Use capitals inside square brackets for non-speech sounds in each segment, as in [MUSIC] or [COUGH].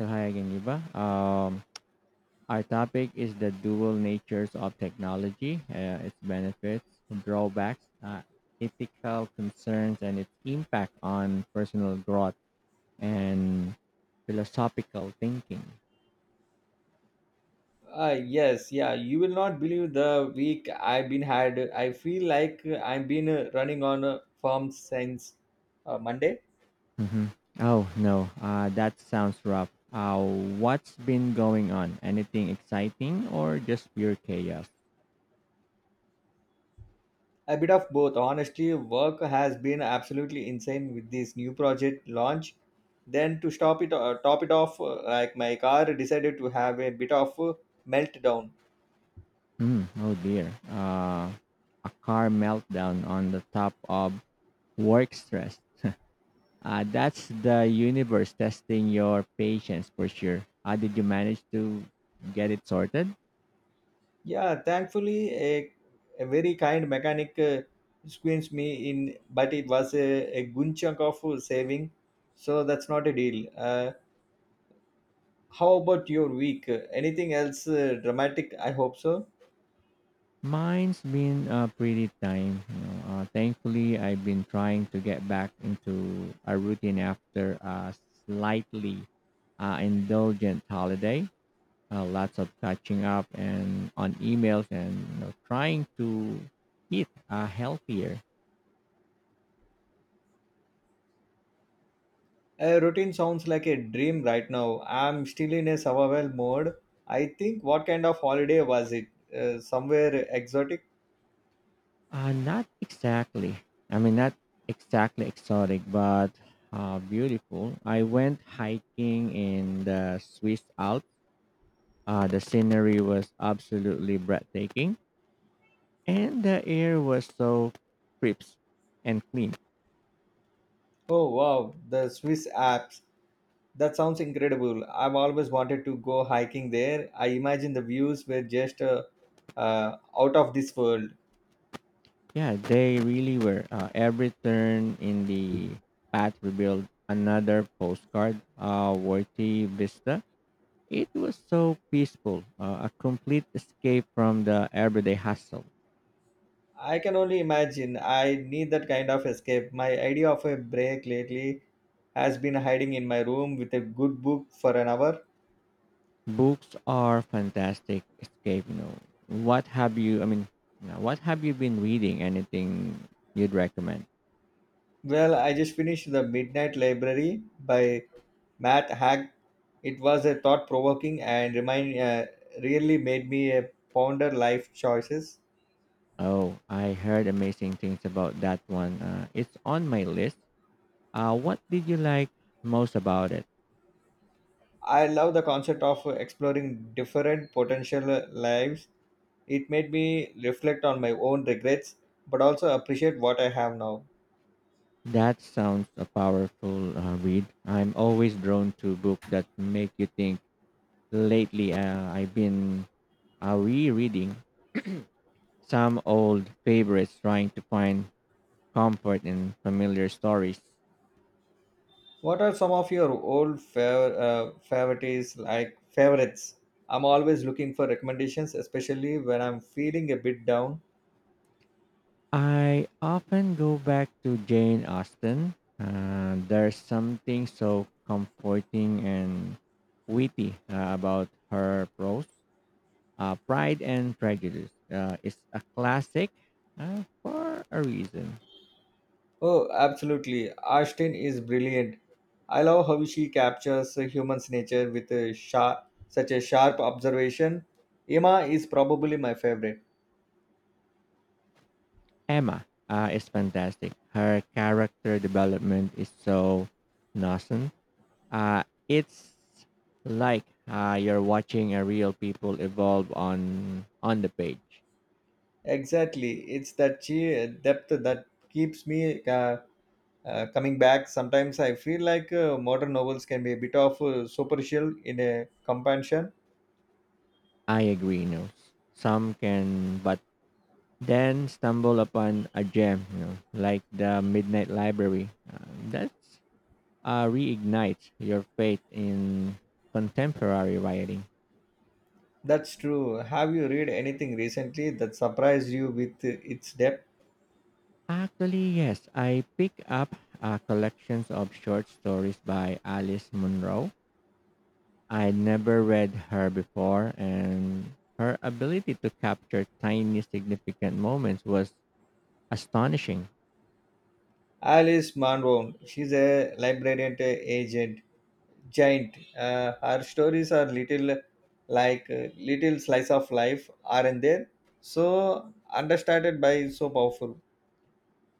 So hi again, Yuba. Our topic is the dual natures of technology, its benefits, drawbacks, ethical concerns, and its impact on personal growth and philosophical thinking. Yes, yeah. You will not believe the week I've been had. I feel like I've been running on form since Monday. Hmm. Oh no, that sounds rough. What's been going on? Anything exciting or just pure chaos? A bit of both. Honestly, work has been absolutely insane with this new project launch. Then to top it off, like my car decided to have a bit of meltdown. Mm, oh dear. A car meltdown on the top of work stress. That's the universe testing your patience for sure. Did you manage to get it sorted? Yeah, thankfully, a very kind mechanic squeezed me in, but it was a good chunk of saving, so that's not a deal. How about your week? Anything else dramatic? I hope so. Mine's been pretty time, you know. Thankfully, I've been trying to get back into a routine after a slightly indulgent holiday. Lots of catching up and on emails and, you know, trying to eat healthier. A routine sounds like a dream right now. I'm still in a survival mode. I think what kind of holiday was it? Somewhere exotic? Not exactly. I mean, not exactly exotic, but beautiful. I went hiking in the Swiss Alps. The scenery was absolutely breathtaking, and the air was so crisp and clean. Oh wow, the Swiss Alps. That sounds incredible. I've always wanted to go hiking there. I imagine the views were just out of this world. Yeah, they really were. Every turn in the path revealed another postcard worthy vista. It was so peaceful, a complete escape from the everyday hustle. I can only imagine. I need that kind of escape. My idea of a break lately has been hiding in my room with a good book for an hour. Books are fantastic escape, you know. What have you I mean, what have you been reading? Anything you'd recommend? Well, I just finished The Midnight Library by Matt Haig. It was a thought provoking and really made me a ponder life choices. Oh, I heard amazing things about that one. It's on my list. What did you like most about it? I love the concept of exploring different potential lives. It made me reflect on my own regrets, but also appreciate what I have now. That sounds a powerful read. I'm always drawn to books that make you think. Lately, I've been rereading some old favorites, trying to find comfort in familiar stories. What are some of your favorites, like favorites? I'm always looking for recommendations, especially when I'm feeling a bit down. I often go back to Jane Austen. There's something so comforting and witty about her prose. Pride and Prejudice is a classic for a reason. Oh, absolutely. Ashton is brilliant. I love how she captures human's nature with a such a sharp observation. Emma is probably my favorite. Emma is fantastic. Her character development is so nascent. It's like you're watching a real people evolve on the page. Exactly. It's that depth that keeps me coming back. Sometimes I feel like modern novels can be a bit of superficial in a companionship. I agree, you know. Some can, but then stumble upon a gem, you know, like the Midnight Library. That reignites your faith in contemporary writing. That's true. Have you read anything recently that surprised you with its depth? Actually, yes, I pick up collections of short stories by Alice Munro. I never read her before, and her ability to capture tiny, significant moments was astonishing. Alice Munro, she's a librarian agent, giant. Her stories are little slice of life, aren't there? So understated by so powerful.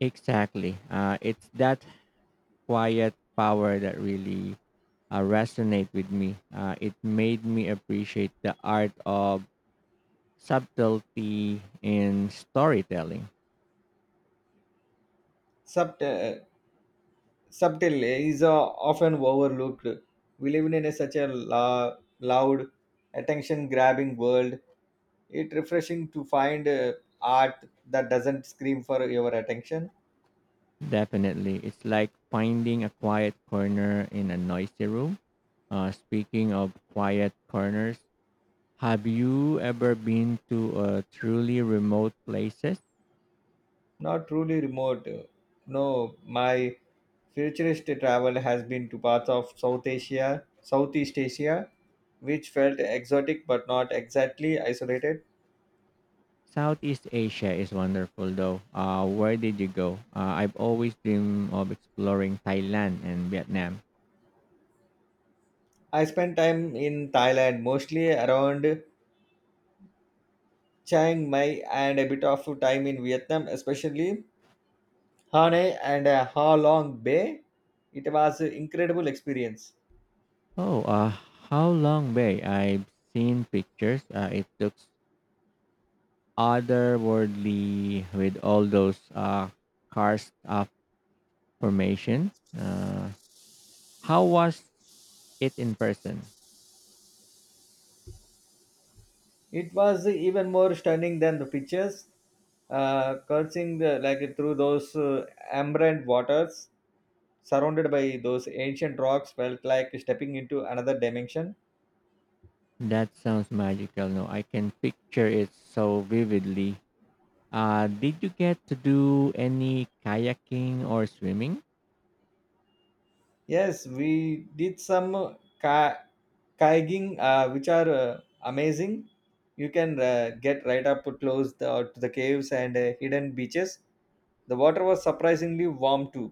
Exactly. It's that quiet power that really resonate with me. It made me appreciate the art of subtlety in storytelling. Subt- uh, Subtle is often overlooked. We live in such a loud, attention-grabbing world. It refreshing to find art that doesn't scream for your attention. Definitely, it's like finding a quiet corner in a noisy room. Speaking of quiet corners, have you ever been to truly remote places? Not truly remote. No, my futurist travel has been to parts of South Asia, Southeast Asia, which felt exotic but not exactly isolated. Southeast Asia is wonderful though. Where did you go? I've always dreamed of exploring Thailand and Vietnam. I spent time in Thailand, mostly around Chiang Mai, and a bit of time in Vietnam, especially Hanoi and Ha Long Bay. It was an incredible experience. Oh, how long bay? I've seen pictures. It looks otherworldly with all those karst formation. How was it in person? It was even more stunning than the pictures, coursing like through those ambient waters, surrounded by those ancient rocks, felt like stepping into another dimension. That sounds magical. No, I can picture it so vividly. Did you get to do any kayaking or swimming? Yes, we did some kayaking, which are amazing. You can get right up close to the caves and hidden beaches. The water was surprisingly warm too.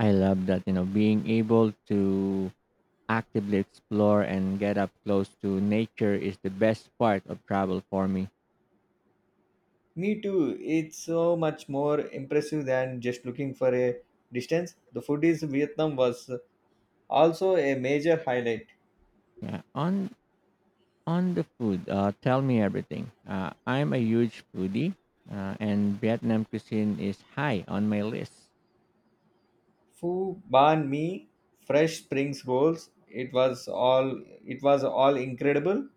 I love that, you know, being able to actively explore and get up close to nature is the best part of travel for me. Me too. It's so much more impressive than just looking for a distance. The food is Vietnam was also a major highlight. Yeah. On the food, tell me everything. I'm a huge foodie, and Vietnam cuisine is high on my list. Phu ban mi, fresh springs rolls. It was all incredible.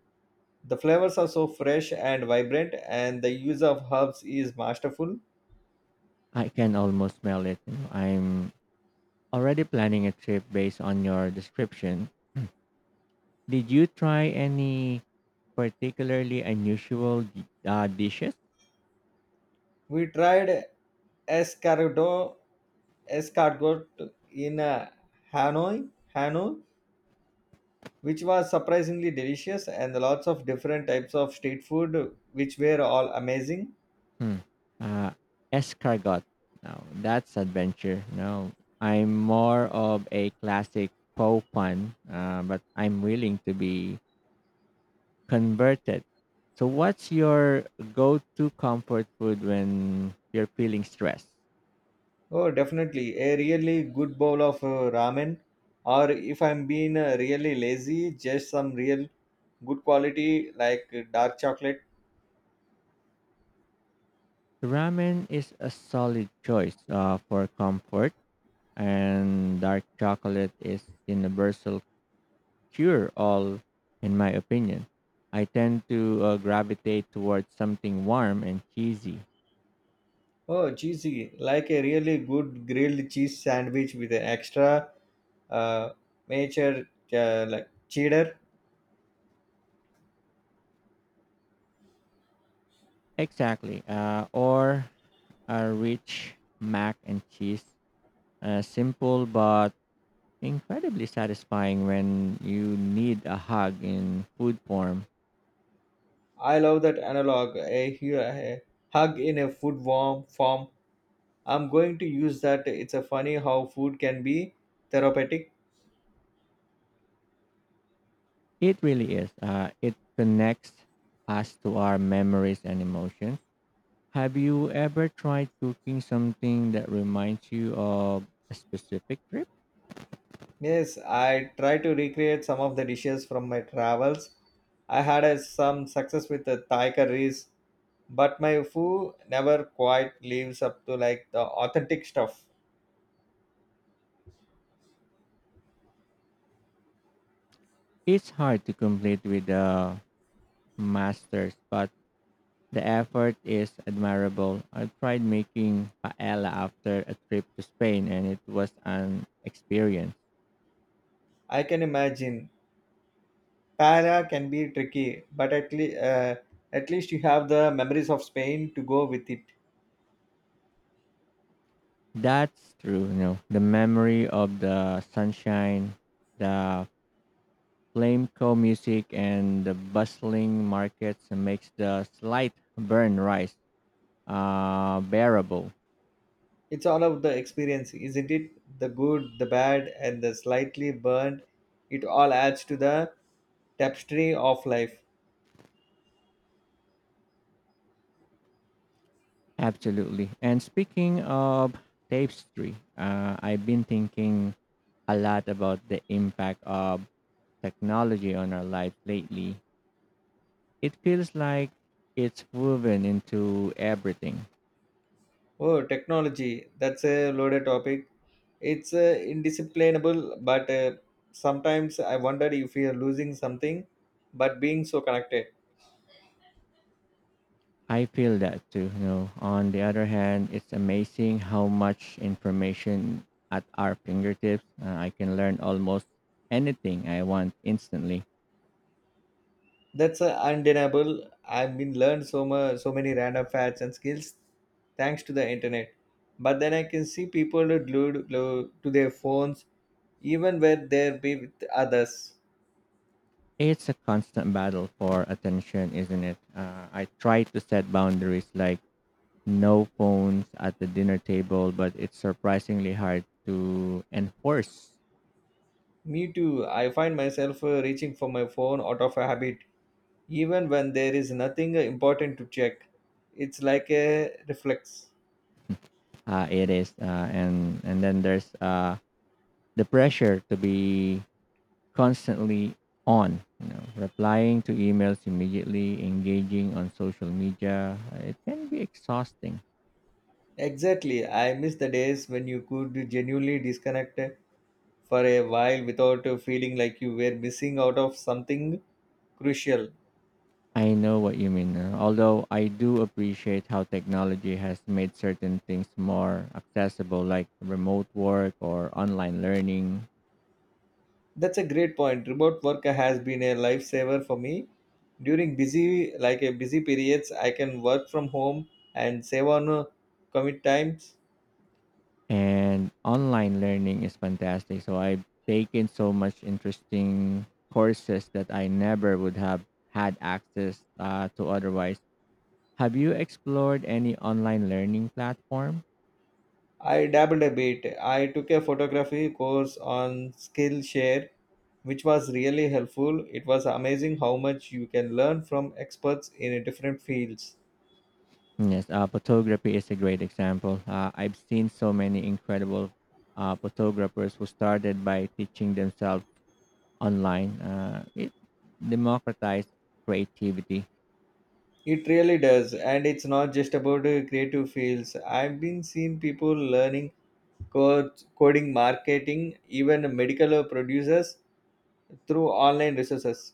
The flavors are so fresh and vibrant, and the use of herbs is masterful. I can almost smell it, you know. I'm already planning a trip based on your description. Did you try any particularly unusual dishes? We tried escargot escargot in Hanoi, Hanoi, which was surprisingly delicious and lots of different types of street food which were all amazing. Hmm. Uh, Escargot. Now that's adventure. No, I'm more of a classic po pun, but I'm willing to be converted. So, what's your go-to comfort food when you're feeling stressed? Oh, definitely a really good bowl of ramen, or if I'm being really lazy, just some real good quality like dark chocolate. Ramen is a solid choice for comfort, and dark chocolate is universal cure all, in my opinion. I tend to gravitate towards something warm and cheesy. Oh, cheesy, like a really good grilled cheese sandwich with an extra uh, major like cheddar. Exactly. Or a rich mac and cheese. Simple but incredibly satisfying when you need a hug in food form. I love that a hug in a food warm form. I'm going to use that. It's a funny how food can be therapeutic. It really is. It connects us to our memories and emotions. Have you ever tried cooking something that reminds you of a specific trip? Yes, I try to recreate some of the dishes from my travels. I had some success with the Thai curries, but my food never quite lives up to like the authentic stuff. It's hard to complete with the masters, but the effort is admirable. I tried making paella after a trip to Spain, and it was an experience. I can imagine. Para can be tricky, but at least you have the memories of Spain to go with it. That's true. You know, the memory of the sunshine, the flamenco music and the bustling markets makes the slight burn rise bearable. It's all about the experience, isn't it? The good, the bad, and the slightly burnt. It all adds to the tapestry of life. Absolutely. And speaking of tapestry, I've been thinking a lot about the impact of technology on our lives lately. It feels like it's woven into everything. Oh, technology. That's a loaded topic. It's indisciplinable, but sometimes I wonder if we are losing something, but being so connected. I feel that too. You know, on the other hand, it's amazing how much information at our fingertips. I can learn almost anything I want instantly. That's undeniable. I've been learned so much, so many random facts and skills thanks to the internet. But then I can see people glued to their phones even where there be with others. It's a constant battle for attention, isn't it? I try to set boundaries like no phones at the dinner table, but it's surprisingly hard to enforce. Me too, I find myself reaching for my phone out of a habit, even when there is nothing important to check. It's like a reflex. It is, and then there's the pressure to be constantly on, you know, replying to emails immediately, engaging on social media. It can be exhausting. Exactly, I miss the days when you could genuinely disconnect for a while without feeling like you were missing out of something crucial. I know what you mean. Although I do appreciate how technology has made certain things more accessible, like remote work or online learning. That's a great point. Remote work has been a lifesaver for me. During like a busy periods, I can work from home and save on commute times. And online learning is fantastic. So I've taken so much interesting courses that I never would have had access to otherwise. Have you explored any online learning platform? I dabbled a bit. I took a photography course on Skillshare, which was really helpful. It was amazing how much you can learn from experts in different fields. Yes, photography is a great example. I've seen so many incredible photographers who started by teaching themselves online. It democratized creativity. It really does, and it's not just about creative fields. I've been seeing people learning coding, marketing, even medical producers through online resources.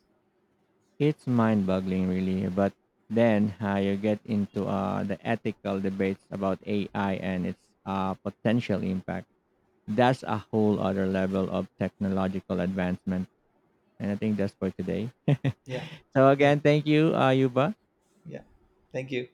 It's mind boggling, really. But then you get into the ethical debates about AI and its potential impact. That's a whole other level of technological advancement. And I think that's for today. [LAUGHS] Yeah, So thank again, you. thank you, Yuba. Yeah, thank you.